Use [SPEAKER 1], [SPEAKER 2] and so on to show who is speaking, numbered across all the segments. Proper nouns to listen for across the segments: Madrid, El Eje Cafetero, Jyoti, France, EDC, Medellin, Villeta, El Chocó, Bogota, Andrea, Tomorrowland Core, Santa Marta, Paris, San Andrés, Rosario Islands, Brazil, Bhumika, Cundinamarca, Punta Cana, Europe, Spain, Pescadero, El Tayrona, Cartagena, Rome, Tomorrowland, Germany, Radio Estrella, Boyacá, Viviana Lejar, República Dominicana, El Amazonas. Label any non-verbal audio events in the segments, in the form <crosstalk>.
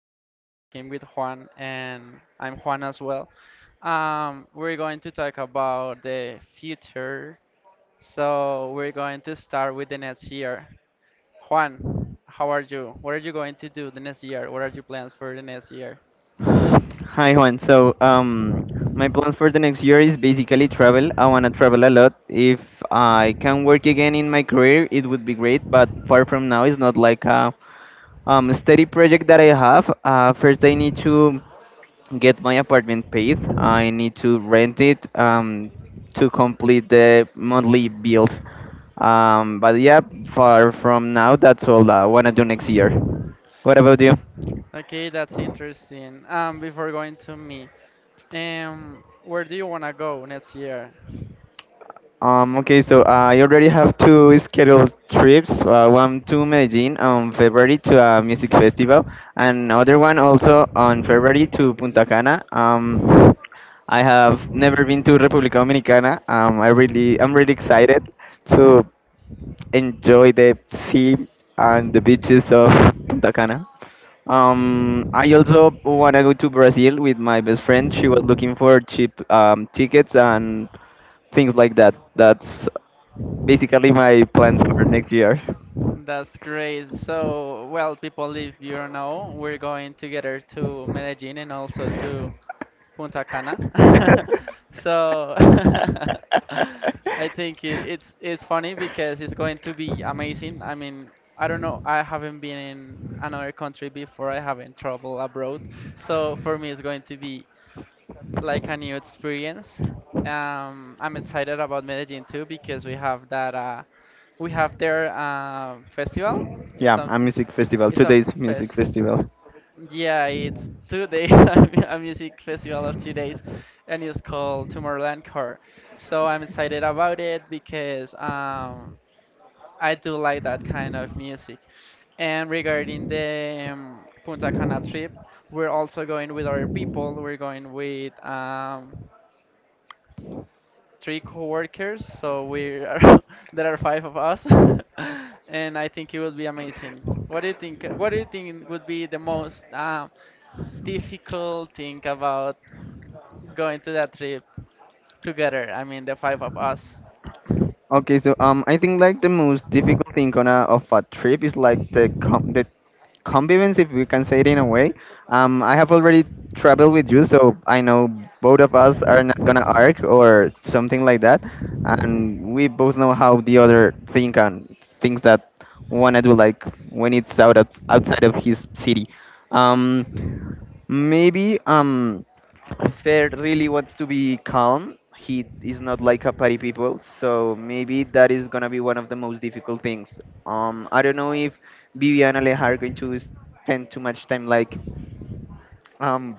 [SPEAKER 1] we'll be talking with Juan, and I'm Juan as well. We're going to talk about the future. So we're going to start with the next year. Juan, how are you? What are you going to do the next year? What are your plans for the next year?
[SPEAKER 2] Hi Juan. So my plans for the next year is basically travel. I wanna travel a lot. If I can work again in my career, it would be great. But far from now, it's not like a steady project that I have. First, I need to get my apartment paid. I need to rent it to complete the monthly bills. But yeah, far from now, that's all I wanna do next year. What about you?
[SPEAKER 1] Okay, that's interesting. Before going to me, where do you want to go next year?
[SPEAKER 2] Okay, so I already have two scheduled trips. One to Medellin on February to a music festival, and other one also on February to Punta Cana. I have never been to República Dominicana. I'm really excited to enjoy the sea and the beaches of Punta Cana. I also want to go to Brazil with my best friend. She was looking for cheap tickets and things like that. That's basically my plans for next year.
[SPEAKER 1] That's great. So, well, people, if you don't know, we're going together to Medellin and also to Punta Cana. <laughs> So <laughs> I think it's funny because it's going to be amazing. I mean, I don't know. I haven't been in another country before. I haven't traveled abroad. So for me, it's going to be like a new experience. I'm excited
[SPEAKER 2] <laughs>
[SPEAKER 1] about Medellin too because we have their festival. It's
[SPEAKER 2] Yeah, a
[SPEAKER 1] something.
[SPEAKER 2] music festival.
[SPEAKER 1] It's a
[SPEAKER 2] Today's music
[SPEAKER 1] fest.
[SPEAKER 2] festival.
[SPEAKER 1] Yeah, it's 2 days, <laughs> a music festival of 2 days, and it's called Tomorrowland Core. So I'm excited about it because I do like that kind of music. And regarding the Punta Cana trip, we're also going with other people. We're going with three co-workers, so we are <laughs> there are five of us, <laughs> and I think it would be amazing. What do you think? What do you think would be the most difficult thing about going to that trip together? I mean, the five of us. <coughs>
[SPEAKER 2] Okay, so I think like the most difficult thing of a trip is like the convivence, if we can say it in a way. I have already traveled with you, so I know both of us are not gonna arc or something like that, and we both know how the other think and things that wanna do like when it's outside of his city. Um, Maybe Fer really wants to be calm. He is not like a party people, so maybe that is gonna be one of the most difficult things. I don't know if Viviana Lejar are going to spend too much time like um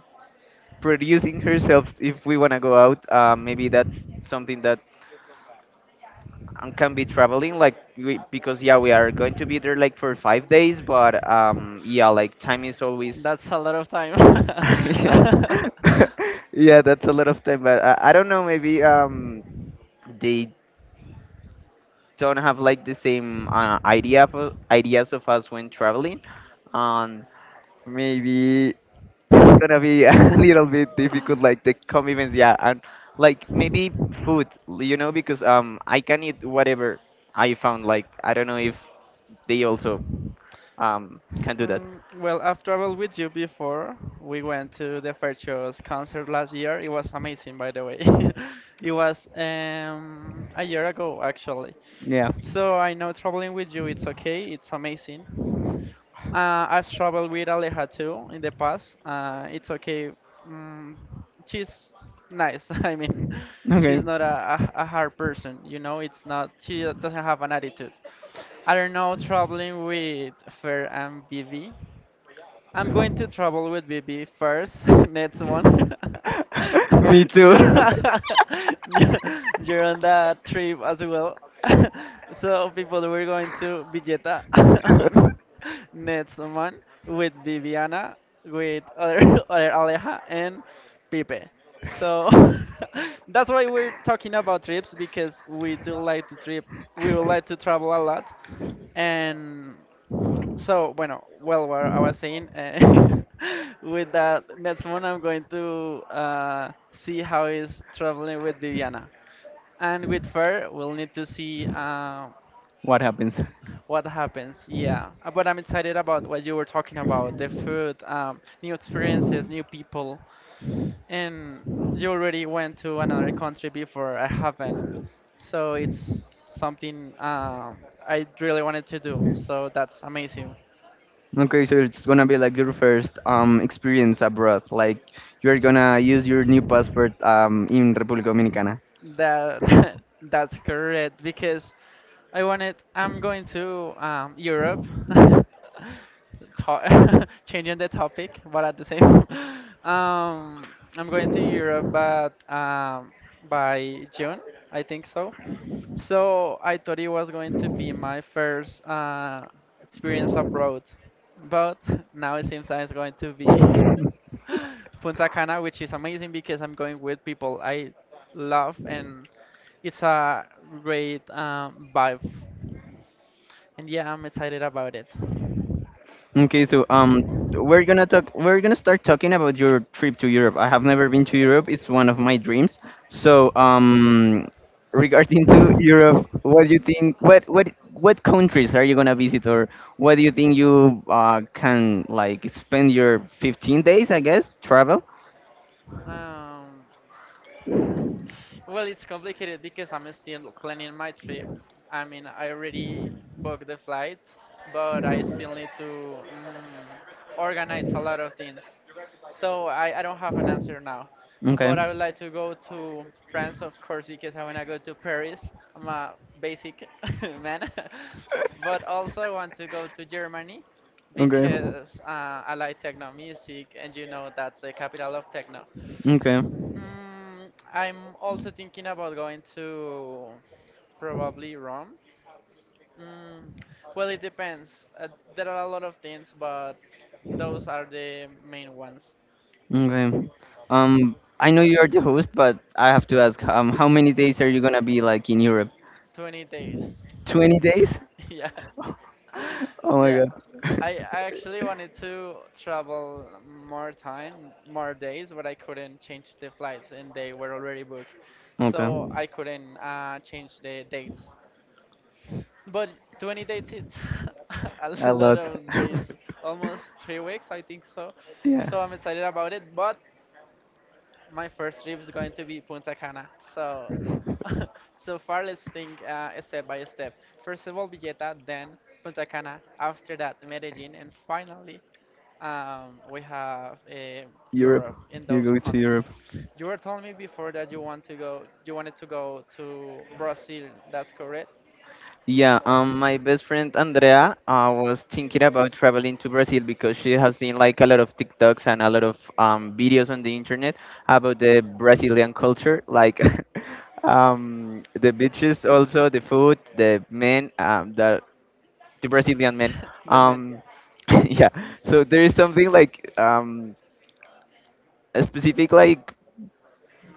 [SPEAKER 2] producing <laughs> herself. If we wanna go out, maybe that's something that can be traveling like we, because yeah, we are going to be there like for 5 days, but yeah, like time is always
[SPEAKER 1] That's a lot of time.
[SPEAKER 2] <laughs> yeah <laughs> yeah, that's a lot of time, but I don't know. Maybe they don't have like the same ideas of us when traveling. um Maybe it's gonna be <laughs> a little bit difficult, like the commitments, yeah. And like maybe food, because I can eat whatever I found. Like, I don't know if they also
[SPEAKER 1] <laughs>
[SPEAKER 2] can do that.
[SPEAKER 1] Mm, well, I've traveled with you before. We went to the Fair Show's concert last year. It was amazing, by the way. <laughs> It was a year ago, actually.
[SPEAKER 2] Yeah.
[SPEAKER 1] So I know traveling with you, it's okay. It's amazing. I've traveled with Aleja too in the past. It's okay. Mm, she's nice. <laughs> I mean,
[SPEAKER 2] Okay.
[SPEAKER 1] she's not a hard person. You know, it's not. She doesn't have an attitude. I don't know, traveling with Fer and Vivi. I'm going to travel with BB first <laughs> next month.
[SPEAKER 2] <laughs>
[SPEAKER 1] <laughs>
[SPEAKER 2] me too
[SPEAKER 1] you're, <laughs>
[SPEAKER 2] <laughs>
[SPEAKER 1] you're you're on that trip as well. <laughs> So people, we're going to Villeta <laughs> next month with Viviana, with <laughs> other Aleja and Pipe. So <laughs> that's why we're talking about trips because we do like to trip. We would like to travel a lot and so, bueno, well, what I was saying, <laughs> with that next month, I'm going to see how is traveling with Viviana, and with her, we'll need to see
[SPEAKER 2] What happens? <laughs>
[SPEAKER 1] what happens. Yeah, but I'm excited about what you were talking about, the food, new experiences, new people, and you already went to another country before. I haven't, so it's something I really wanted to do. So that's amazing.
[SPEAKER 2] Okay, so it's gonna be like your first experience abroad. Like you're gonna use your new passport in República Dominicana.
[SPEAKER 1] That <laughs> that's correct because I'm going to Europe. <laughs> <laughs> Changing the topic, but at the same <laughs> I'm going to Europe but by June, I think so. So I thought it was going to be my first experience abroad. But <laughs> now it seems I'm going to be
[SPEAKER 2] <laughs>
[SPEAKER 1] <laughs> Punta Cana, which is amazing because I'm going with people I love and it's a great vibe. And yeah, I'm excited about it.
[SPEAKER 2] Okay, so We're gonna start talking about your trip to Europe. I have never been to Europe. It's one of my dreams. So regarding to Europe, what do you think? What countries are you gonna visit, or what do you think you can like spend your 15 days? I guess travel.
[SPEAKER 1] Um, Well, it's complicated because I'm still planning my trip. I mean, I already booked the flight, but I still need to organize a lot of things. So I don't have an answer now.
[SPEAKER 2] Okay.
[SPEAKER 1] But I would like to go to France, of course,
[SPEAKER 2] <laughs>
[SPEAKER 1] because I want to go to Paris. I'm a basic <laughs> man. <laughs> But also, I want to go to Germany
[SPEAKER 2] Okay.
[SPEAKER 1] because I like techno music, and you know that's the capital of techno.
[SPEAKER 2] Okay.
[SPEAKER 1] Mm, I'm also thinking about going to probably Rome. Mm, well, it depends. There are a lot of things, but those are the main ones.
[SPEAKER 2] Okay. I know you are the host, but I have to ask, how many days are you gonna be like in Europe?
[SPEAKER 1] 20 days.
[SPEAKER 2] 20 days?
[SPEAKER 1] <laughs> Yeah. <laughs>
[SPEAKER 2] <laughs> Oh my
[SPEAKER 1] Yeah.
[SPEAKER 2] God.
[SPEAKER 1] I actually wanted to travel more time, more days, but I couldn't change the flights and they were already booked.
[SPEAKER 2] <laughs> Okay.
[SPEAKER 1] So I couldn't change the dates. But 20 days it's <laughs> a
[SPEAKER 2] A
[SPEAKER 1] lot
[SPEAKER 2] lot.
[SPEAKER 1] of days,
[SPEAKER 2] <laughs>
[SPEAKER 1] almost 3 weeks, I think so.
[SPEAKER 2] Yeah.
[SPEAKER 1] So I'm excited about it. But my first trip is going to be Punta Cana. So <laughs> so far, let's think step by step. First of all, Villeta, then Punta Cana. After that, Medellin, and finally, we have
[SPEAKER 2] Europe.
[SPEAKER 1] Europe in
[SPEAKER 2] You
[SPEAKER 1] those
[SPEAKER 2] go to
[SPEAKER 1] countries.
[SPEAKER 2] Europe.
[SPEAKER 1] You were telling me before that you wanted to go to Brazil. That's correct.
[SPEAKER 2] Yeah, my best friend Andrea was thinking about traveling to Brazil because she has seen like a lot of TikToks and a lot of videos on the internet about the Brazilian culture, like <laughs> the beaches, also the food, the men, the Brazilian men.
[SPEAKER 1] <laughs> The man.
[SPEAKER 2] Um, <laughs> yeah. So there is something like a specific like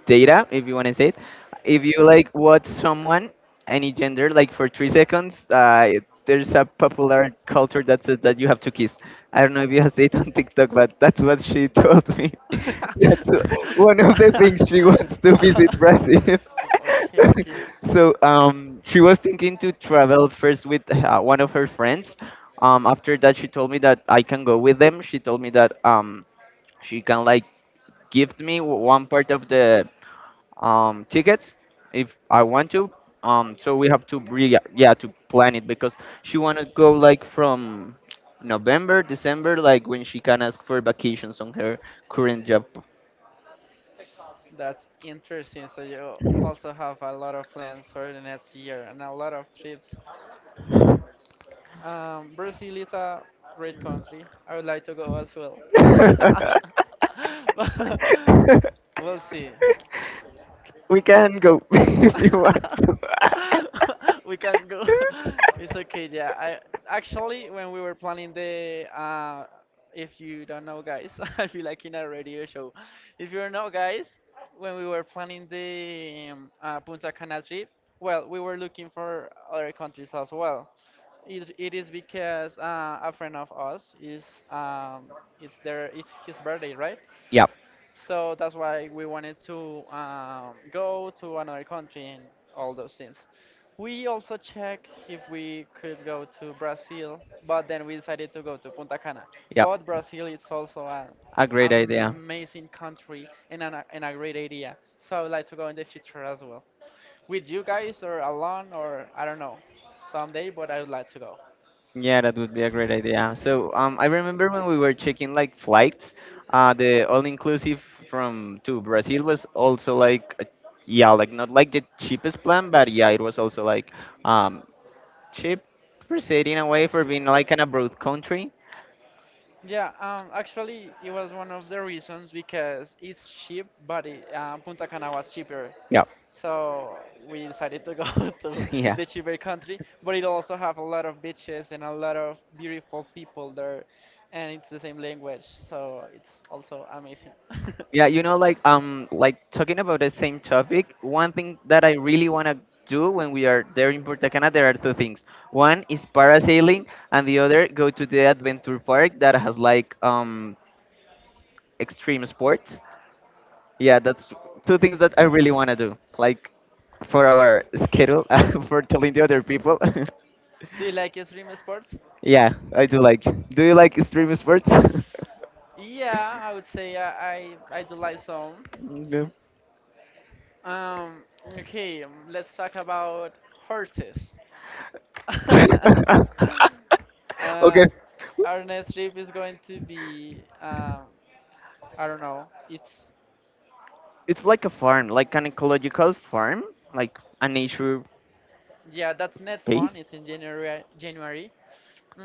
[SPEAKER 2] data, if you want to say it. If you like watch someone, any gender, like for 3 seconds, there's a popular culture that says that you have to kiss. I don't know if you have seen it on TikTok, but that's what she told me. <laughs> That's
[SPEAKER 1] <laughs>
[SPEAKER 2] one of the things she wants to visit Brazil.
[SPEAKER 1] Okay, okay.
[SPEAKER 2] <laughs> So she was thinking to travel first with one of her friends. After that, she told me that I can go with them. She told me that she can like give me one part of the tickets if I want to. So we have to to plan it because she wanna go like from November, December, like when she can ask for vacations on her current job.
[SPEAKER 1] That's interesting. So you also have a lot of plans for the next year and a lot of trips. Brazil is a great country. I would like to go as well. <laughs>
[SPEAKER 2] <laughs>
[SPEAKER 1] But <laughs> we'll see.
[SPEAKER 2] We can go <laughs> if you want to. <laughs>
[SPEAKER 1] <laughs> We can go. <laughs> It's okay, yeah. I actually when we were planning the if you don't know guys, <laughs> I feel like in a radio show. If you don't know guys, when we were planning the Punta Cana trip, well, we were looking for other countries as well. It is because a friend of us is it's his birthday, right?
[SPEAKER 2] Yeah.
[SPEAKER 1] So that's why we wanted to go to another country and all those things. We also checked if we could go to Brazil, but then we decided to go to Punta Cana.
[SPEAKER 2] Yeah.
[SPEAKER 1] But Brazil is also an
[SPEAKER 2] A great idea.
[SPEAKER 1] amazing country and a great idea. So I would like to go in the future as well. With you guys or alone or I don't know, someday, but I would like to go.
[SPEAKER 2] Yeah, that would be a great idea. So I remember when we were checking like flights, the all-inclusive from to Brazil was also like, yeah, like not like the cheapest plan, but yeah, it was also like um, cheap per se in a way for being like an abroad country.
[SPEAKER 1] Yeah, actually, it was one of the reasons because it's cheap, but Punta Cana was cheaper.
[SPEAKER 2] Yeah.
[SPEAKER 1] So we decided to go <laughs> to
[SPEAKER 2] <laughs> Yeah.
[SPEAKER 1] the cheaper country, but it also have a lot of beaches and a lot of beautiful people there, and it's the same language, so it's also amazing.
[SPEAKER 2] Yeah,
[SPEAKER 1] <laughs>
[SPEAKER 2] like, talking about the same topic. One thing that I really wanna do when we are there in Punta Cana, there are two things. One is parasailing, and the other go to the adventure park that has like extreme sports. Yeah, that's two things that I really wanna do. Like for our schedule, <laughs> for telling the other people.
[SPEAKER 1] Do you like extreme sports?
[SPEAKER 2] <laughs> Yeah, I do like. Do you like extreme sports? <laughs>
[SPEAKER 1] Yeah, I would say I do like some.
[SPEAKER 2] No.
[SPEAKER 1] Um, okay, let's talk about horses. <laughs> uh,
[SPEAKER 2] <laughs> Okay,
[SPEAKER 1] our next trip is going to be, I don't know. It's
[SPEAKER 2] it's like a farm, like an ecological farm, like a nature
[SPEAKER 1] yeah, that's next
[SPEAKER 2] space.
[SPEAKER 1] month. It's in January. January.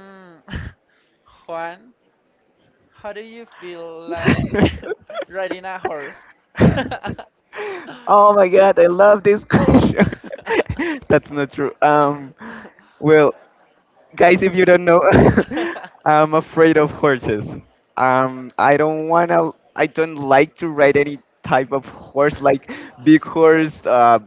[SPEAKER 1] Mm, <laughs> Juan, how do you feel like
[SPEAKER 2] <laughs>
[SPEAKER 1] <laughs> riding a horse?
[SPEAKER 2] Oh my god, I love this question. <laughs> That's not true. Well, guys, if you don't know, <laughs> I'm afraid of horses. I don't want to. i
[SPEAKER 1] <laughs>
[SPEAKER 2] don't like to ride any type of horse, like big
[SPEAKER 1] <laughs>
[SPEAKER 2] horse,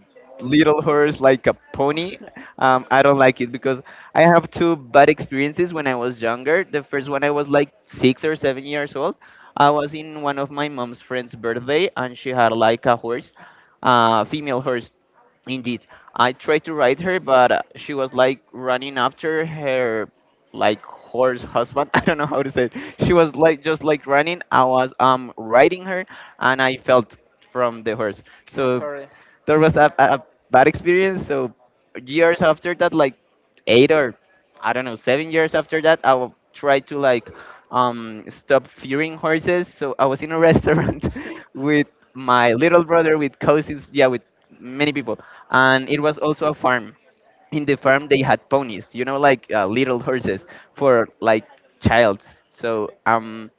[SPEAKER 2] little horse, like a pony.
[SPEAKER 1] <laughs>
[SPEAKER 2] I don't like it because I have two bad experiences when I was younger. The first one, I was like 6 or 7 years old. I was in one of my mom's friend's birthday and she had like a horse, female horse. Indeed. I tried to ride her, but she was like running after her like horse husband. <laughs> I don't know how to say it. She was like just like running. I was riding her, and I fell from the horse.
[SPEAKER 1] I'm
[SPEAKER 2] So
[SPEAKER 1] sorry.
[SPEAKER 2] there was a bad experience. So years after that, like eight or I don't know, 7 years after that, I will try to like stop fearing horses. So I was in a restaurant <laughs> with my little brother, with cousins, yeah, with many people, and it was also a farm. In the farm, they had ponies, like little horses for like childs. So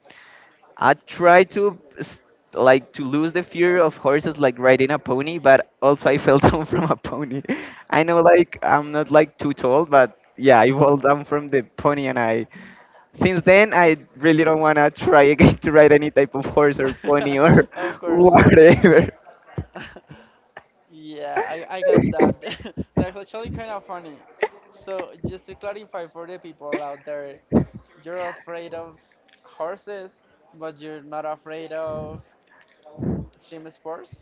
[SPEAKER 2] I tried to like to lose the fear of horses, like riding a pony, but also I fell <laughs> down from a pony. I know like I'm not like too tall, but yeah, I fell down from the pony. And I Since then, I really don't want to try again to ride any type of horse or pony or
[SPEAKER 1] <laughs> Of
[SPEAKER 2] <laughs>
[SPEAKER 1] course.
[SPEAKER 2] whatever.
[SPEAKER 1] <laughs> Yeah, I got that. <laughs> That's actually kind of funny. So, just to clarify for the people out there, you're afraid of horses, but you're not afraid of extreme sports?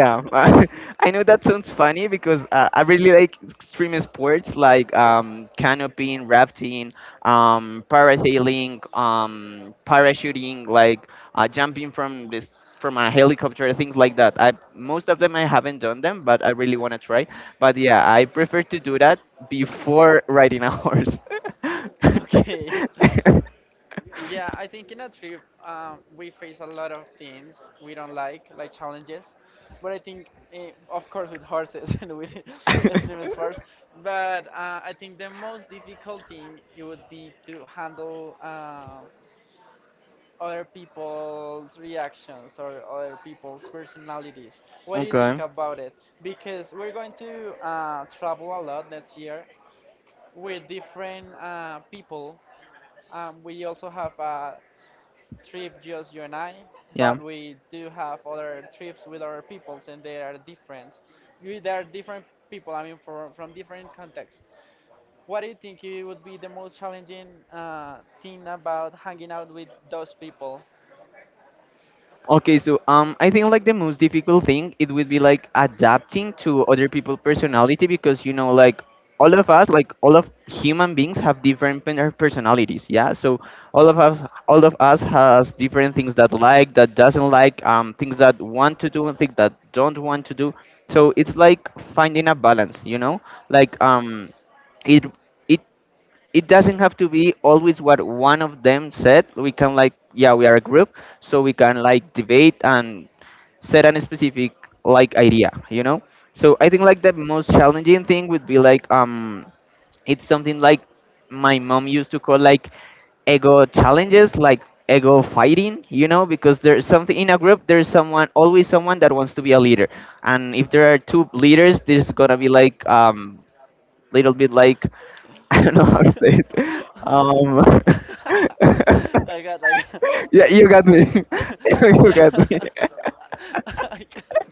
[SPEAKER 1] <laughs>
[SPEAKER 2] <laughs> I know that sounds funny because I really like extreme sports like canopying, rafting, parasailing, parachuting, like jumping from this from a helicopter, things like that. I Most of them I haven't done them, but I really want to try. But yeah, I prefer to do that before riding a horse.
[SPEAKER 1] Okay. <laughs> Yeah, I think in a trip, we face a lot of things we don't like challenges. But I think, of course, with horses <laughs> and with extreme sports. But I think the most difficult thing it would be to handle. Other people's reactions or other people's personalities.
[SPEAKER 2] <laughs>
[SPEAKER 1] What do you
[SPEAKER 2] Okay.
[SPEAKER 1] think about it? Because we're going to travel a lot next year with different people. We also have a trip just you and I,
[SPEAKER 2] Yeah.
[SPEAKER 1] but we do have other trips with other peoples, and they are different. They are different people. I mean, from different contexts. What do you think it would be the most challenging thing about hanging out with those people?
[SPEAKER 2] Okay, so I think like the most difficult thing it would be like adapting to other people's personality because like all of us, like all of human beings, have different personalities. Yeah, so all of us all of us has different things that doesn't like, things that want to do and things that don't want to do. So it's like finding a balance. You know, like um it it. it doesn't have to be always what one of them said. We can, like, yeah, we are a group, so we can like debate and set a specific like idea. So I think like the most challenging thing would be like it's something like my mom used to call like ego challenges, like ego fighting, because there's something in a group, there's someone, always someone that wants to be a leader. And if there are two leaders, there's gonna be like, little bit like <laughs> I don't know how
[SPEAKER 1] <laughs>
[SPEAKER 2] to say it. Um,
[SPEAKER 1] I got, I got,
[SPEAKER 2] <laughs> yeah,
[SPEAKER 1] I
[SPEAKER 2] you
[SPEAKER 1] got
[SPEAKER 2] got me.
[SPEAKER 1] it.
[SPEAKER 2] <laughs>
[SPEAKER 1] <laughs>
[SPEAKER 2] You
[SPEAKER 1] Yeah.
[SPEAKER 2] got me. <laughs>
[SPEAKER 1] <laughs> I got,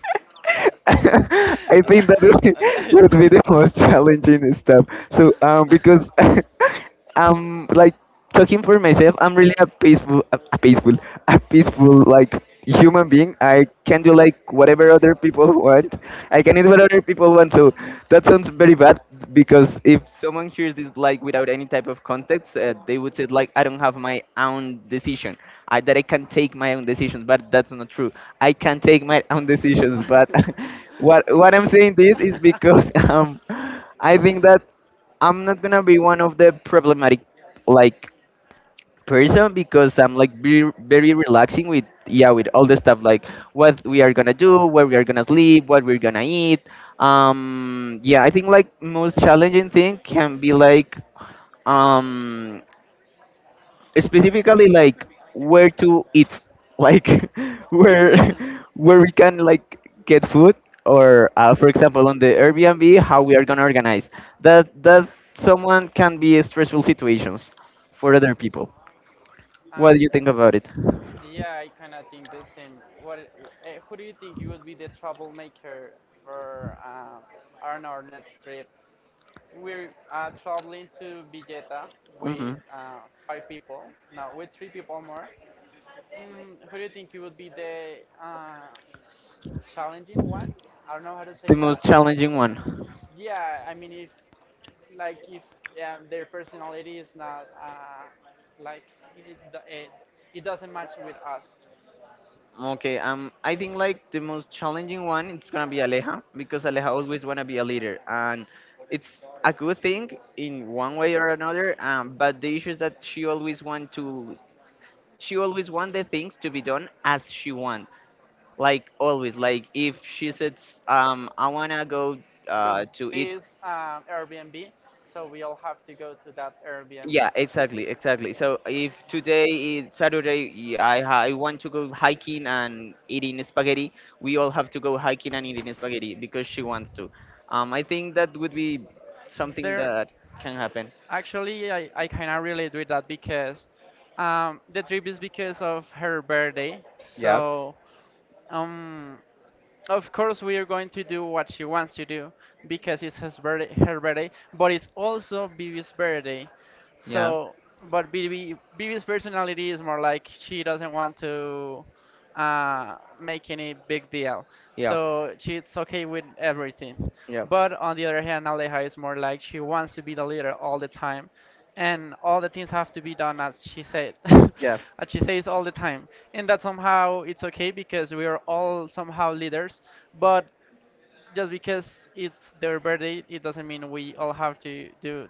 [SPEAKER 2] I think that would be,
[SPEAKER 1] <laughs> I got it.
[SPEAKER 2] would be the most <laughs> challenging stuff. So, because
[SPEAKER 1] <laughs>
[SPEAKER 2] <laughs> I'm like talking for myself, I'm really a peaceful, <laughs> a peaceful like human being. I can do like whatever other people <laughs> want. I can eat what other people want. So that sounds very bad because if someone hears this like without any type of context, they would say like, I don't have my own decision. I that I can take my own decisions, but that's not true. I can take my own decisions, but <laughs> what I'm
[SPEAKER 1] Okay.
[SPEAKER 2] saying this is
[SPEAKER 1] <laughs>
[SPEAKER 2] because <laughs> I think that I'm not gonna be one of the problematic like person because I'm like very, very relaxing with, yeah, with all the stuff like what we are gonna do, where we are gonna sleep, what we're gonna eat. Yeah, I think like most challenging thing can be like um, specifically like where to eat, like <laughs> where, <laughs> where we can like get food or for example on the Airbnb how we are gonna organize that someone can be stressful situations for other people. What do
[SPEAKER 1] Um,
[SPEAKER 2] you think about it?
[SPEAKER 1] yeah, I kind of think the same. What, who do you think you would be the troublemaker for on our next trip? We're traveling to Villeta
[SPEAKER 2] Hmm.
[SPEAKER 1] with five people, three people more. Mm, who do you think you would be the challenging one? I don't know how to
[SPEAKER 2] The
[SPEAKER 1] say that.
[SPEAKER 2] most challenging one.
[SPEAKER 1] Yeah, I mean, if yeah, their personality is not like it, it, it doesn't match with us.
[SPEAKER 2] Okay, I think like the most challenging one it's gonna be Aleja because Aleja always wanna be a leader, and it's a good thing in one way or another. But the issue is that she always want to, she always want the things to be done as she want, like always. Like if she says, I wanna go
[SPEAKER 1] To
[SPEAKER 2] to eat.
[SPEAKER 1] this Airbnb, so we all have to go to that Airbnb.
[SPEAKER 2] Yeah, exactly, exactly. So if today is Saturday, I want to go hiking and eating spaghetti, we all have to go hiking and eating spaghetti because she wants to. I think that would be something
[SPEAKER 1] There,
[SPEAKER 2] that can happen.
[SPEAKER 1] actually, I cannot relate with that because the trip is because of her birthday.
[SPEAKER 2] Yeah,
[SPEAKER 1] So, um, of course, we are going to do what she wants to do because her birthday, but it's also Vivi's birthday.
[SPEAKER 2] yeah,
[SPEAKER 1] So, but BB's personality is more like she doesn't want to make any big deal.
[SPEAKER 2] yeah,
[SPEAKER 1] So she's okay with everything.
[SPEAKER 2] yeah,
[SPEAKER 1] But on the other hand, Aleja is more like she wants to be the leader all the time, and all the things have to be done <laughs>
[SPEAKER 2] yeah.
[SPEAKER 1] as she says all the time. And that somehow it's okay because we are all somehow leaders, but just because it's their birthday, it doesn't mean we all have to do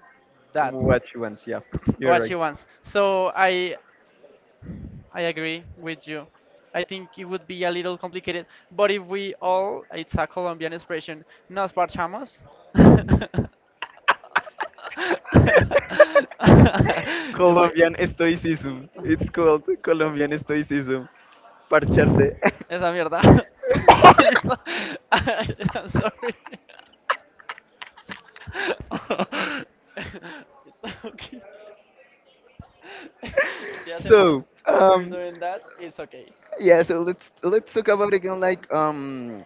[SPEAKER 1] that.
[SPEAKER 2] What she wants. Yeah,
[SPEAKER 1] <coughs>
[SPEAKER 2] you're
[SPEAKER 1] What
[SPEAKER 2] right.
[SPEAKER 1] she wants. So I agree with you. I think it would be a little complicated, but if we all, it's a Colombian expression, nos parchamos. <laughs> We-
[SPEAKER 2] Colombian Stoicism. It's called Colombian Stoicism. Parcharte.
[SPEAKER 1] Esa
[SPEAKER 2] <laughs>
[SPEAKER 1] mierda. <laughs> I'm sorry. <laughs> It's okay. <laughs> Si hacemos,
[SPEAKER 2] so,
[SPEAKER 1] if we're doing that, it's okay.
[SPEAKER 2] yeah. So let's talk about again like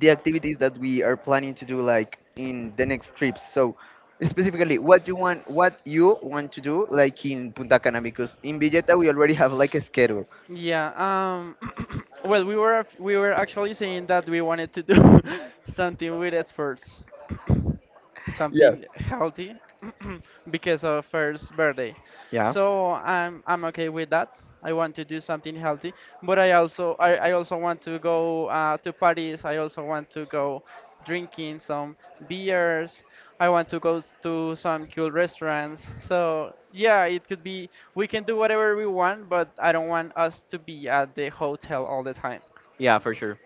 [SPEAKER 2] the activities that we are planning to do like in the next trips. So specifically, what you want to do like in Punta Cana because in Villeta we already have like a schedule.
[SPEAKER 1] Yeah, <coughs> <clears throat> well we were actually saying that we wanted to do <laughs> something with experts. <coughs>
[SPEAKER 2] Yeah.
[SPEAKER 1] Something healthy <clears throat> because of first birthday.
[SPEAKER 2] Yeah.
[SPEAKER 1] So I'm okay with that. I want to do something healthy, but I also want to go to parties. I also want to go drinking some beers. I want to go to some cool restaurants. So yeah, it could be we can do whatever we want, but I don't want us to be at the hotel all the time.
[SPEAKER 2] Yeah, for sure.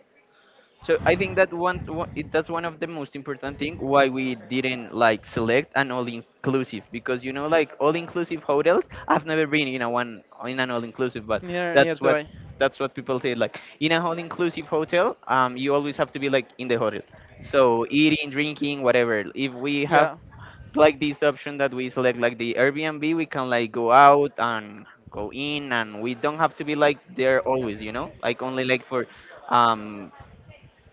[SPEAKER 2] So I think that one, one it, that's one of the most important thing why we didn't like select an all inclusive because you know like all inclusive hotels I've never been in a one in an all inclusive, but
[SPEAKER 1] Near
[SPEAKER 2] that's
[SPEAKER 1] to
[SPEAKER 2] what
[SPEAKER 1] I?
[SPEAKER 2] that's what people say like in a all inclusive hotel, you always have to be like in the hotel, so eating, drinking, whatever. If we have
[SPEAKER 1] Yeah.
[SPEAKER 2] like this option that we select like the Airbnb, we can like go out and go in and we don't have to be like there always, you know, like only like for um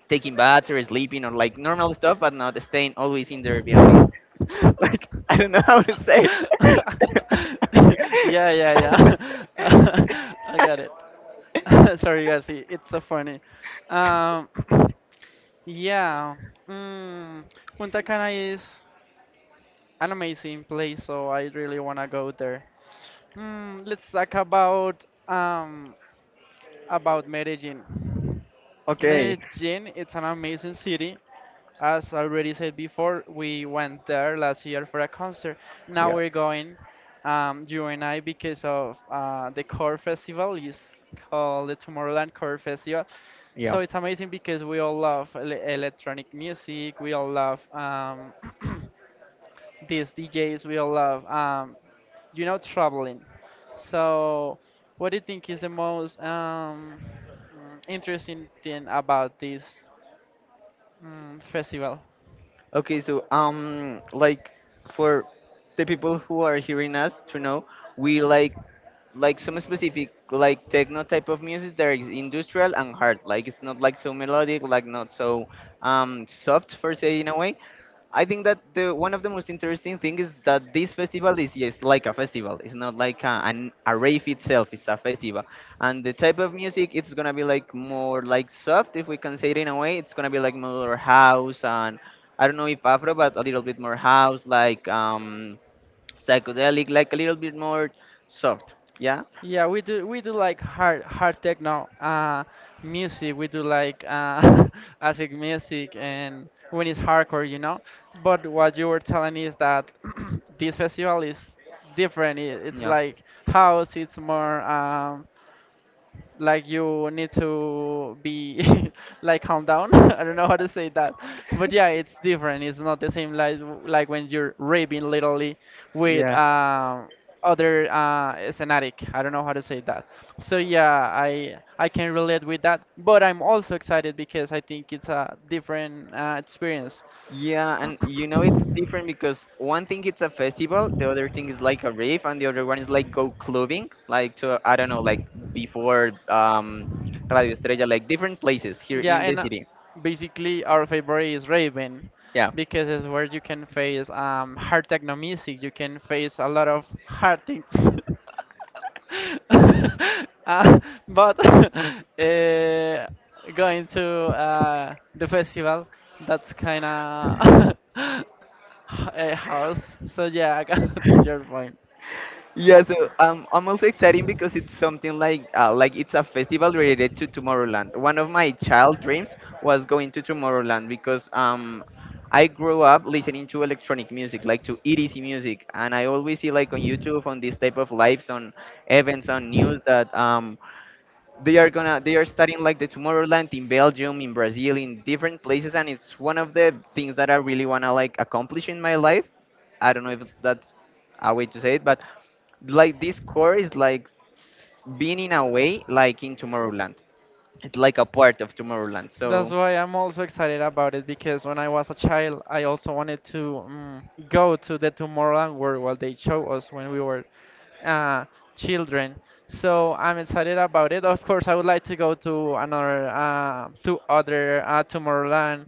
[SPEAKER 2] taking baths or sleeping or like normal stuff, but not staying always in their Airbnb. <laughs>
[SPEAKER 1] <laughs>
[SPEAKER 2] Like I don't know how to say it.
[SPEAKER 1] Yeah, yeah, yeah. <laughs> I got it.
[SPEAKER 2] <laughs>
[SPEAKER 1] <laughs> Sorry, guys. It's so funny. Um, <clears throat> yeah. Mm, Punta Cana is an amazing place, so I really wanna go there. Let's talk about Medellin.
[SPEAKER 2] okay.
[SPEAKER 1] Medellin, it's an amazing city. As already said before, we went there last year for a concert. Now
[SPEAKER 2] Yeah.
[SPEAKER 1] we're going, you and I, because of the Core Festival is called the Tomorrowland Core Festival. So
[SPEAKER 2] Yeah.
[SPEAKER 1] it's amazing because we all love electronic music. We all love <clears throat> these DJs will love. Traveling. So, what do you think is the most interesting thing about this festival?
[SPEAKER 2] Okay, so like for the people who are hearing us to know, we like some specific like techno type of music that is industrial and hard. Like it's not like so melodic, like not so soft for say in a way. I think that the one of the most interesting thing is that this festival is yes like a festival. It's not like a, an a rave itself. It's a festival, and the type of music it's gonna be like more like soft, if we can say it in a way. It's gonna be like more house and I don't know if Afro, but a little bit more house, like psychedelic, like a little bit more soft. Yeah,
[SPEAKER 1] Yeah, we do like hard techno music. We do like <laughs> acid music and when it's hardcore, you know. But what you were telling is that <clears throat> this festival is different. It's
[SPEAKER 2] yeah.
[SPEAKER 1] like house. It's more. Like you need to be <laughs> like calm down. <laughs> I don't know how to say that, but yeah, it's different. It's not the same like when you're raving literally with
[SPEAKER 2] Yeah.
[SPEAKER 1] other scenatic. I don't know how to say that. So yeah, I can relate with that, but I'm also excited because I think it's a different experience.
[SPEAKER 2] Yeah, and you know it's
[SPEAKER 1] Mhm.
[SPEAKER 2] different because one thing it's a festival, the other thing is like a rave, and the other one is like go clubbing, like to I don't know, like before Radio Estrella, like different places here
[SPEAKER 1] Yeah,
[SPEAKER 2] in the
[SPEAKER 1] and
[SPEAKER 2] city.
[SPEAKER 1] basically our favorite is Raven
[SPEAKER 2] Yeah.
[SPEAKER 1] because it's where you can face hard techno music. You can face a lot of hard things. <laughs> uh, but <laughs> uh, going to the festival, that's kind of <laughs> a house. So yeah, I got <laughs> your point.
[SPEAKER 2] Yeah, so I'm also excited because it's something like it's a festival related to Tomorrowland. One of my child dreams was going to Tomorrowland because I grew up listening to electronic music, like to EDC music, and I always see like on YouTube on this type of lives on events on news that they are studying like the Tomorrowland in Belgium, in Brazil, in different places, and it's one of the things that I really wanna like accomplish in my life. I don't know if that's a way to say it, but like this core is like being in a way like in Tomorrowland. It's like a part of Tomorrowland.
[SPEAKER 1] That's
[SPEAKER 2] So
[SPEAKER 1] why I'm also excited about it because when I was a child, I also wanted to go to the Tomorrowland World what they showed us when we were uh, children. So I'm excited about it. Of course, I would like to go to another, to other Tomorrowland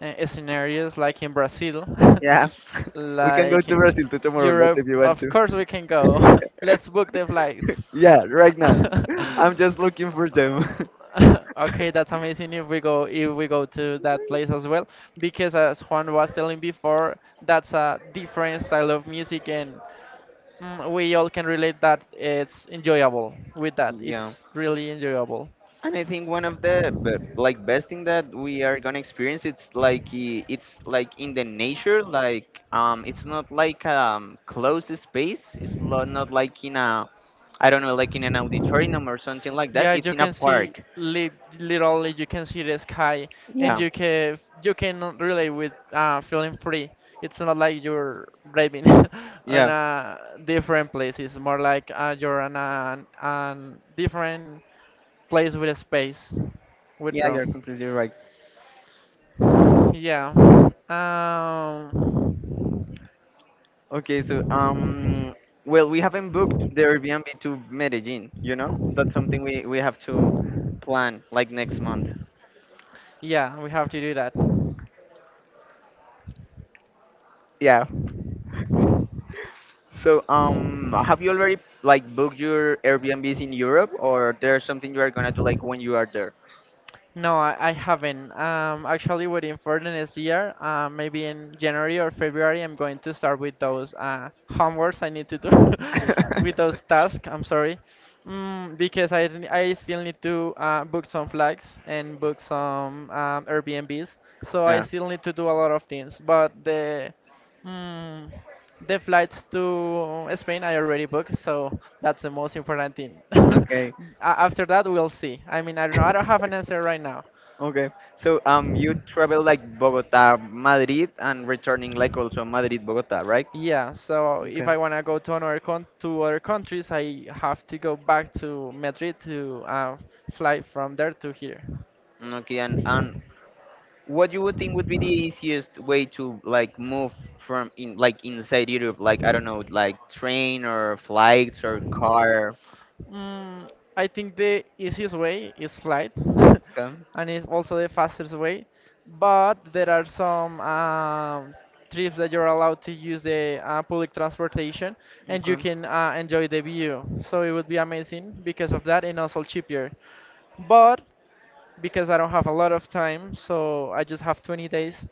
[SPEAKER 1] scenarios like in Brazil,
[SPEAKER 2] yeah. <laughs>
[SPEAKER 1] <laughs>
[SPEAKER 2] We can go
[SPEAKER 1] like
[SPEAKER 2] to
[SPEAKER 1] in
[SPEAKER 2] Brazil to Tomorrowland
[SPEAKER 1] Europe.
[SPEAKER 2] if you want
[SPEAKER 1] Of
[SPEAKER 2] to.
[SPEAKER 1] course, we can go. <laughs>
[SPEAKER 2] <laughs>
[SPEAKER 1] Let's book the flights.
[SPEAKER 2] yeah, yeah, right now.
[SPEAKER 1] <laughs>
[SPEAKER 2] <laughs> I'm just looking for them. <laughs>
[SPEAKER 1] Okay, that's amazing if we go to that place as well, because as Juan was telling before, that's a different style of music, and we all can relate that it's enjoyable with that.
[SPEAKER 2] Yeah.
[SPEAKER 1] It's really enjoyable.
[SPEAKER 2] And I think one of the like best thing that we are gonna experience it's like it's like in the nature, like it's not like closed space, it's not like in a I don't know like in an auditorium or something like that,
[SPEAKER 1] Yeah,
[SPEAKER 2] it's
[SPEAKER 1] you
[SPEAKER 2] in a
[SPEAKER 1] can see
[SPEAKER 2] park.
[SPEAKER 1] li literally you can see the sky and
[SPEAKER 2] Yeah,
[SPEAKER 1] you can relate with feeling free. It's not like you're driving <laughs> on
[SPEAKER 2] yeah,
[SPEAKER 1] a different place. It's more like you're on a an different place with space, with
[SPEAKER 2] yeah, you're
[SPEAKER 1] room.
[SPEAKER 2] completely right.
[SPEAKER 1] Yeah. Um,
[SPEAKER 2] Okay, so well we haven't booked the Airbnb to Medellin, you know, that's something we have to plan like next month.
[SPEAKER 1] yeah, we have to do that.
[SPEAKER 2] Yeah. <laughs> So, have you already like booked your Airbnbs in Europe, or there's something you are gonna do like when you are there?
[SPEAKER 1] No, I haven't. Actually waiting for the next year. Maybe in January or February, I'm going to start with those homeworks I need to do <laughs> with those
[SPEAKER 2] <laughs>
[SPEAKER 1] tasks. I'm sorry, because I still need to book some flags and book some Airbnbs. So I
[SPEAKER 2] Yeah.
[SPEAKER 1] still need to do a lot of things. But mm, the flights to Spain I already booked, so that's the most important thing. <laughs>
[SPEAKER 2] Okay.
[SPEAKER 1] After that, we'll see. I mean, I don't know. I don't have an answer right now.
[SPEAKER 2] Okay. So, you travel like Bogota, Madrid, and returning like also Madrid, Bogota, right?
[SPEAKER 1] Yeah, so if
[SPEAKER 2] Okay.
[SPEAKER 1] I wanna go to another con to other countries, I have to go back to Madrid to fly from there to here.
[SPEAKER 2] Okay. And what you would think would be the easiest way to like move from in like inside Europe, like I don't know, like train or flights or car?
[SPEAKER 1] Mm, I think the easiest way is flight,
[SPEAKER 2] Okay.
[SPEAKER 1] <laughs> and it's also the fastest way. But there are some trips that you're allowed to use the public transportation, and
[SPEAKER 2] Okay.
[SPEAKER 1] you can enjoy the view. So it would be amazing because of that, and also cheaper. But because I don't have a lot of time, so I just have 20 days.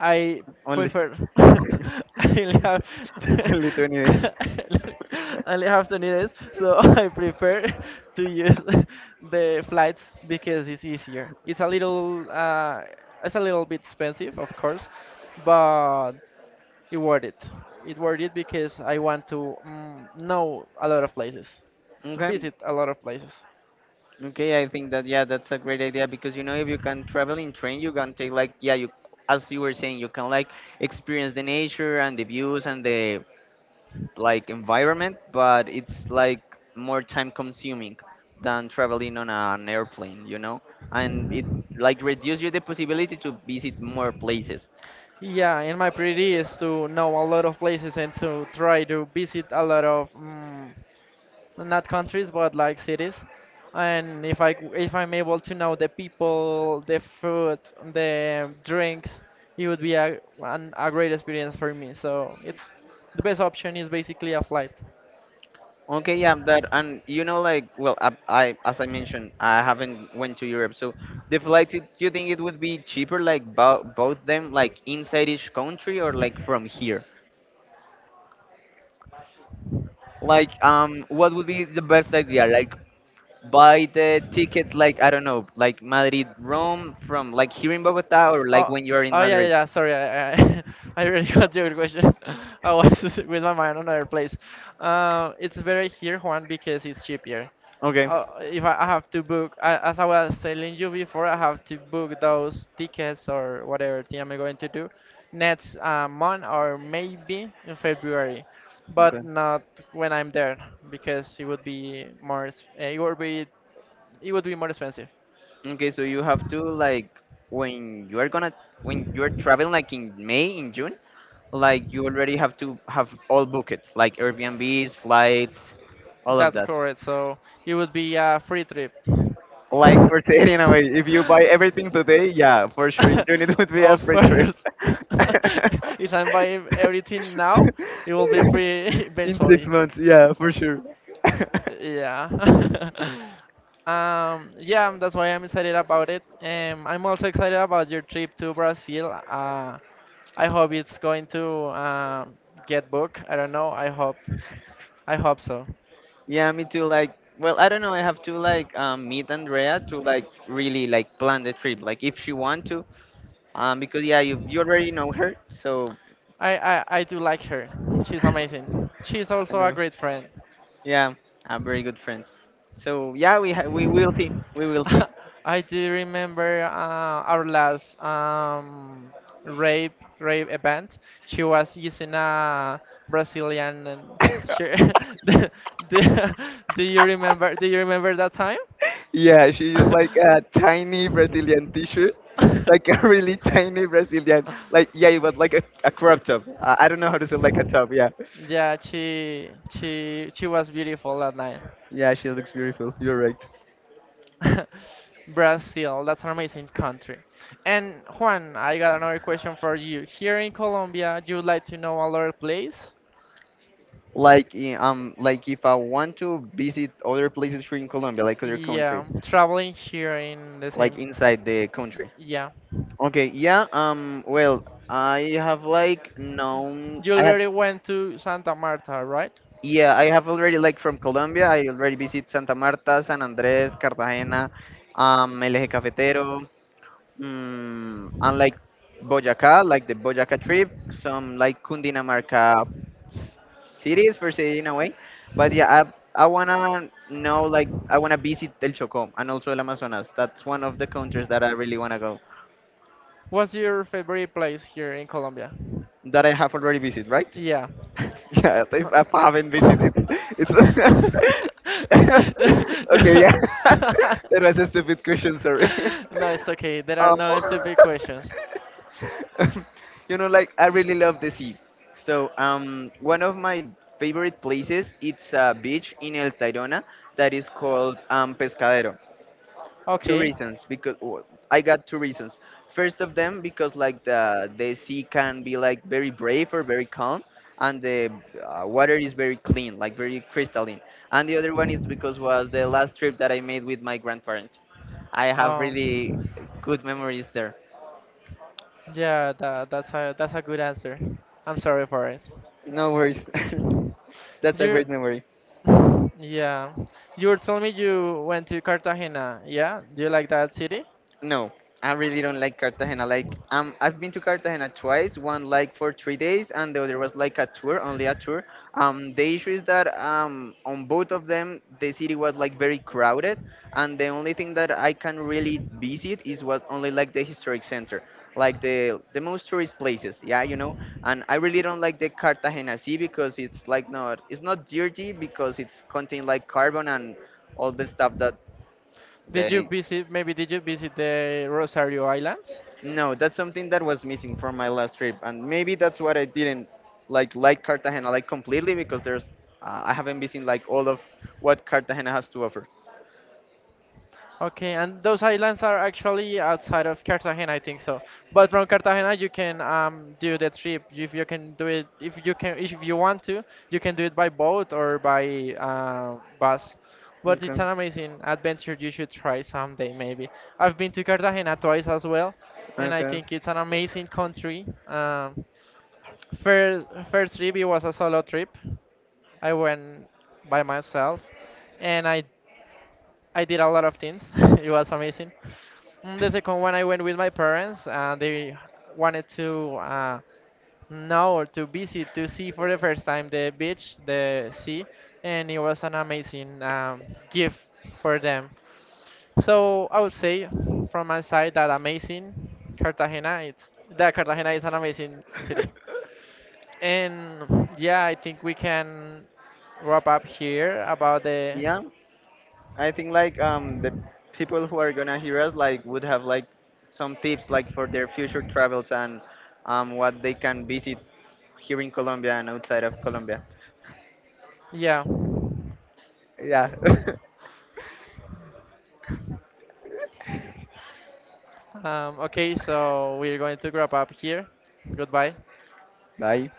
[SPEAKER 1] I
[SPEAKER 2] Only
[SPEAKER 1] prefer <laughs> I only have
[SPEAKER 2] <laughs>
[SPEAKER 1] <laughs>
[SPEAKER 2] only 20 days.
[SPEAKER 1] I only have 20 days, so <laughs> I prefer to use <laughs> the flights because it's easier. It's a little bit expensive, of course, but it worth it. It worth it because I want to know a lot of places, to
[SPEAKER 2] Okay.
[SPEAKER 1] visit a lot of places.
[SPEAKER 2] Okay, I think that, yeah, that's a great idea because you know if you can travel in train, you can take like, yeah, you as you were saying, you can like experience the nature and the views and the like environment, but it's like more time consuming than traveling on an airplane, you know, and it like reduces you the possibility to visit more places.
[SPEAKER 1] Yeah, and my priority is to know a lot of places and to try to visit a lot of not countries but like cities. And if I'm able to know the people, the food, the drinks, it would be a great experience for me. So it's the best option is basically a flight.
[SPEAKER 2] Okay, yeah, that, and you know, like, well, I as I mentioned, I haven't went to Europe, so the flight. Do you think it would be cheaper, like bo both them, like inside each country or like from here? Like, what would be the best idea? Like, buy the tickets, like I don't know, like Madrid, Rome, from like here in Bogota, or like
[SPEAKER 1] Oh,
[SPEAKER 2] when you are in
[SPEAKER 1] oh yeah, yeah,
[SPEAKER 2] Madrid.
[SPEAKER 1] yeah. Sorry, <laughs> I really got your question. <laughs> I was <laughs> with my mind on another place. It's better here, Juan, because it's cheaper.
[SPEAKER 2] Okay,
[SPEAKER 1] If I I have to book, as I was telling you before, I have to book those tickets or whatever thing I'm going to do next month or maybe in February, but
[SPEAKER 2] okay,
[SPEAKER 1] not when I'm there because it would be it would be more expensive.
[SPEAKER 2] okay. So you have to like when you are gonna when you are traveling, like in May, in June, like you already have to have all booked, like Airbnbs, flights, all of
[SPEAKER 1] That's
[SPEAKER 2] that.
[SPEAKER 1] correct. So it would be a free trip.
[SPEAKER 2] Like for <laughs> saying in a
[SPEAKER 1] <laughs> <laughs>
[SPEAKER 2] way, if you buy everything today, yeah, for sure in June it would be a
[SPEAKER 1] Of
[SPEAKER 2] free trip.
[SPEAKER 1] course. <laughs>
[SPEAKER 2] <laughs>
[SPEAKER 1] If I'm buying everything now, it will be free <laughs>
[SPEAKER 2] in six
[SPEAKER 1] eventually.
[SPEAKER 2] months, yeah, for sure. <laughs>
[SPEAKER 1] Yeah. <laughs> Yeah, that's why I'm excited about it. I'm also excited about your trip to Brazil. I hope it's going to get booked. I don't know. I hope. I hope so.
[SPEAKER 2] yeah, me too. Like, well, I don't know. I have to like meet Andrea to like really like plan the trip, like if she want to, because yeah, you already know her, so.
[SPEAKER 1] I do like her. She's amazing. She's
[SPEAKER 2] I
[SPEAKER 1] also a
[SPEAKER 2] know.
[SPEAKER 1] great friend.
[SPEAKER 2] Yeah, a very good friend. So yeah, we will see. We will see.
[SPEAKER 1] <laughs> I do remember our last rave rave event. She was using a Brazilian and she, <laughs>
[SPEAKER 2] <laughs>
[SPEAKER 1] do, do, <laughs> do you remember that time?
[SPEAKER 2] Yeah, she is like a
[SPEAKER 1] <laughs>
[SPEAKER 2] tiny Brazilian t-shirt, like a really tiny Brazilian. Like yeah, it was like a crop top. I don't know how to say like a top. Yeah,
[SPEAKER 1] Yeah, she was beautiful that night.
[SPEAKER 2] yeah, she looks beautiful. You're right.
[SPEAKER 1] <laughs> Brazil, that's an amazing country. And Juan, I got another question for you. Here in Colombia, you would like to know a lot of place?
[SPEAKER 2] Like like if I want to visit other places here in Colombia, like other
[SPEAKER 1] Yeah,
[SPEAKER 2] countries,
[SPEAKER 1] traveling here in the
[SPEAKER 2] like
[SPEAKER 1] same.
[SPEAKER 2] inside the country.
[SPEAKER 1] Yeah.
[SPEAKER 2] Okay, yeah. Well, I have like known.
[SPEAKER 1] You
[SPEAKER 2] I have.
[SPEAKER 1] already went to Santa Marta, right?
[SPEAKER 2] Yeah, I have already like from Colombia. I already visit Santa Marta, San Andrés, Cartagena, El Eje Cafetero, mm, and like Boyacá, like the Boyacá trip, some like Cundinamarca cities per se in a way. But yeah, I wanna know, like I wanna visit El Chocó and also El Amazonas. That's one of the countries that I really wanna go
[SPEAKER 1] What's your favorite place here in Colombia?
[SPEAKER 2] that I have already visited, right?
[SPEAKER 1] Yeah.
[SPEAKER 2] <laughs> yeah, if I haven't visited,
[SPEAKER 1] <laughs>
[SPEAKER 2] it's <laughs> okay.
[SPEAKER 1] Yeah.
[SPEAKER 2] Yeah, <laughs>
[SPEAKER 1] <laughs>
[SPEAKER 2] that was a stupid question. Sorry.
[SPEAKER 1] No,
[SPEAKER 2] <laughs>
[SPEAKER 1] it's okay. There are
[SPEAKER 2] Um,
[SPEAKER 1] no stupid questions.
[SPEAKER 2] <laughs> you know, like I really love the sea. So, one of my favorite places it's a beach in El Tayrona that is called Pescadero. Two
[SPEAKER 1] Okay.
[SPEAKER 2] reasons because I got two reasons. First of them because like the sea can be like very brave or very calm, and the water is very clean, like very crystalline. And the other one is because was the last trip that I made with my grandparents. I have really
[SPEAKER 1] Um.
[SPEAKER 2] good memories there.
[SPEAKER 1] Yeah, that's a good answer. I'm sorry for it.
[SPEAKER 2] No worries. <laughs> That's a
[SPEAKER 1] You.
[SPEAKER 2] great memory.
[SPEAKER 1] <sighs> <laughs> Yeah. You were telling me you went to Cartagena. Yeah. Do you like that city?
[SPEAKER 2] No, I really don't like Cartagena. Like, I've been to Cartagena twice. One like for 3 days, and the other was like a tour, only a tour. The issue is that on both of them, the city was like very crowded, and the only thing that I can really visit is what only like the historic center, like the most tourist places. Yeah, you know. And I really don't like the Cartagena Sea because it's like not it's not dirty because it's contain like carbon and all the stuff that.
[SPEAKER 1] Did you
[SPEAKER 2] They.
[SPEAKER 1] visit? Maybe did you visit the Rosario Islands?
[SPEAKER 2] No, that's something that was missing from my last trip, and maybe that's what I didn't like Cartagena like completely because there's I haven't visited like all of what Cartagena has to offer.
[SPEAKER 1] Okay, and those islands are actually outside of Cartagena, I think so. But from Cartagena, you can do the trip. If you can do it, if you can, if you want to, you can do it by boat or by bus. But it's
[SPEAKER 2] Okay.
[SPEAKER 1] an amazing adventure. You should try someday, maybe. I've been to Cartagena twice as well, and I
[SPEAKER 2] Okay.
[SPEAKER 1] think it's an amazing country. First trip it was a solo trip. I went by myself, and I did a lot of things. <laughs> It was amazing. Mm, the second one, I went with my parents, and they wanted to know or to visit to see for the first time the beach, the sea, and it was an amazing gift for them. So I would say from my side that amazing Cartagena. It's that Cartagena is an amazing city. And yeah, I think we can wrap up here about the
[SPEAKER 2] Yeah, I think like the people who are gonna hear us like would have like some tips like for their future travels and what they can visit here in Colombia and outside of Colombia.
[SPEAKER 1] yeah.
[SPEAKER 2] Yeah. <laughs>
[SPEAKER 1] Okay, so we're going to wrap up here. Goodbye.
[SPEAKER 2] Bye.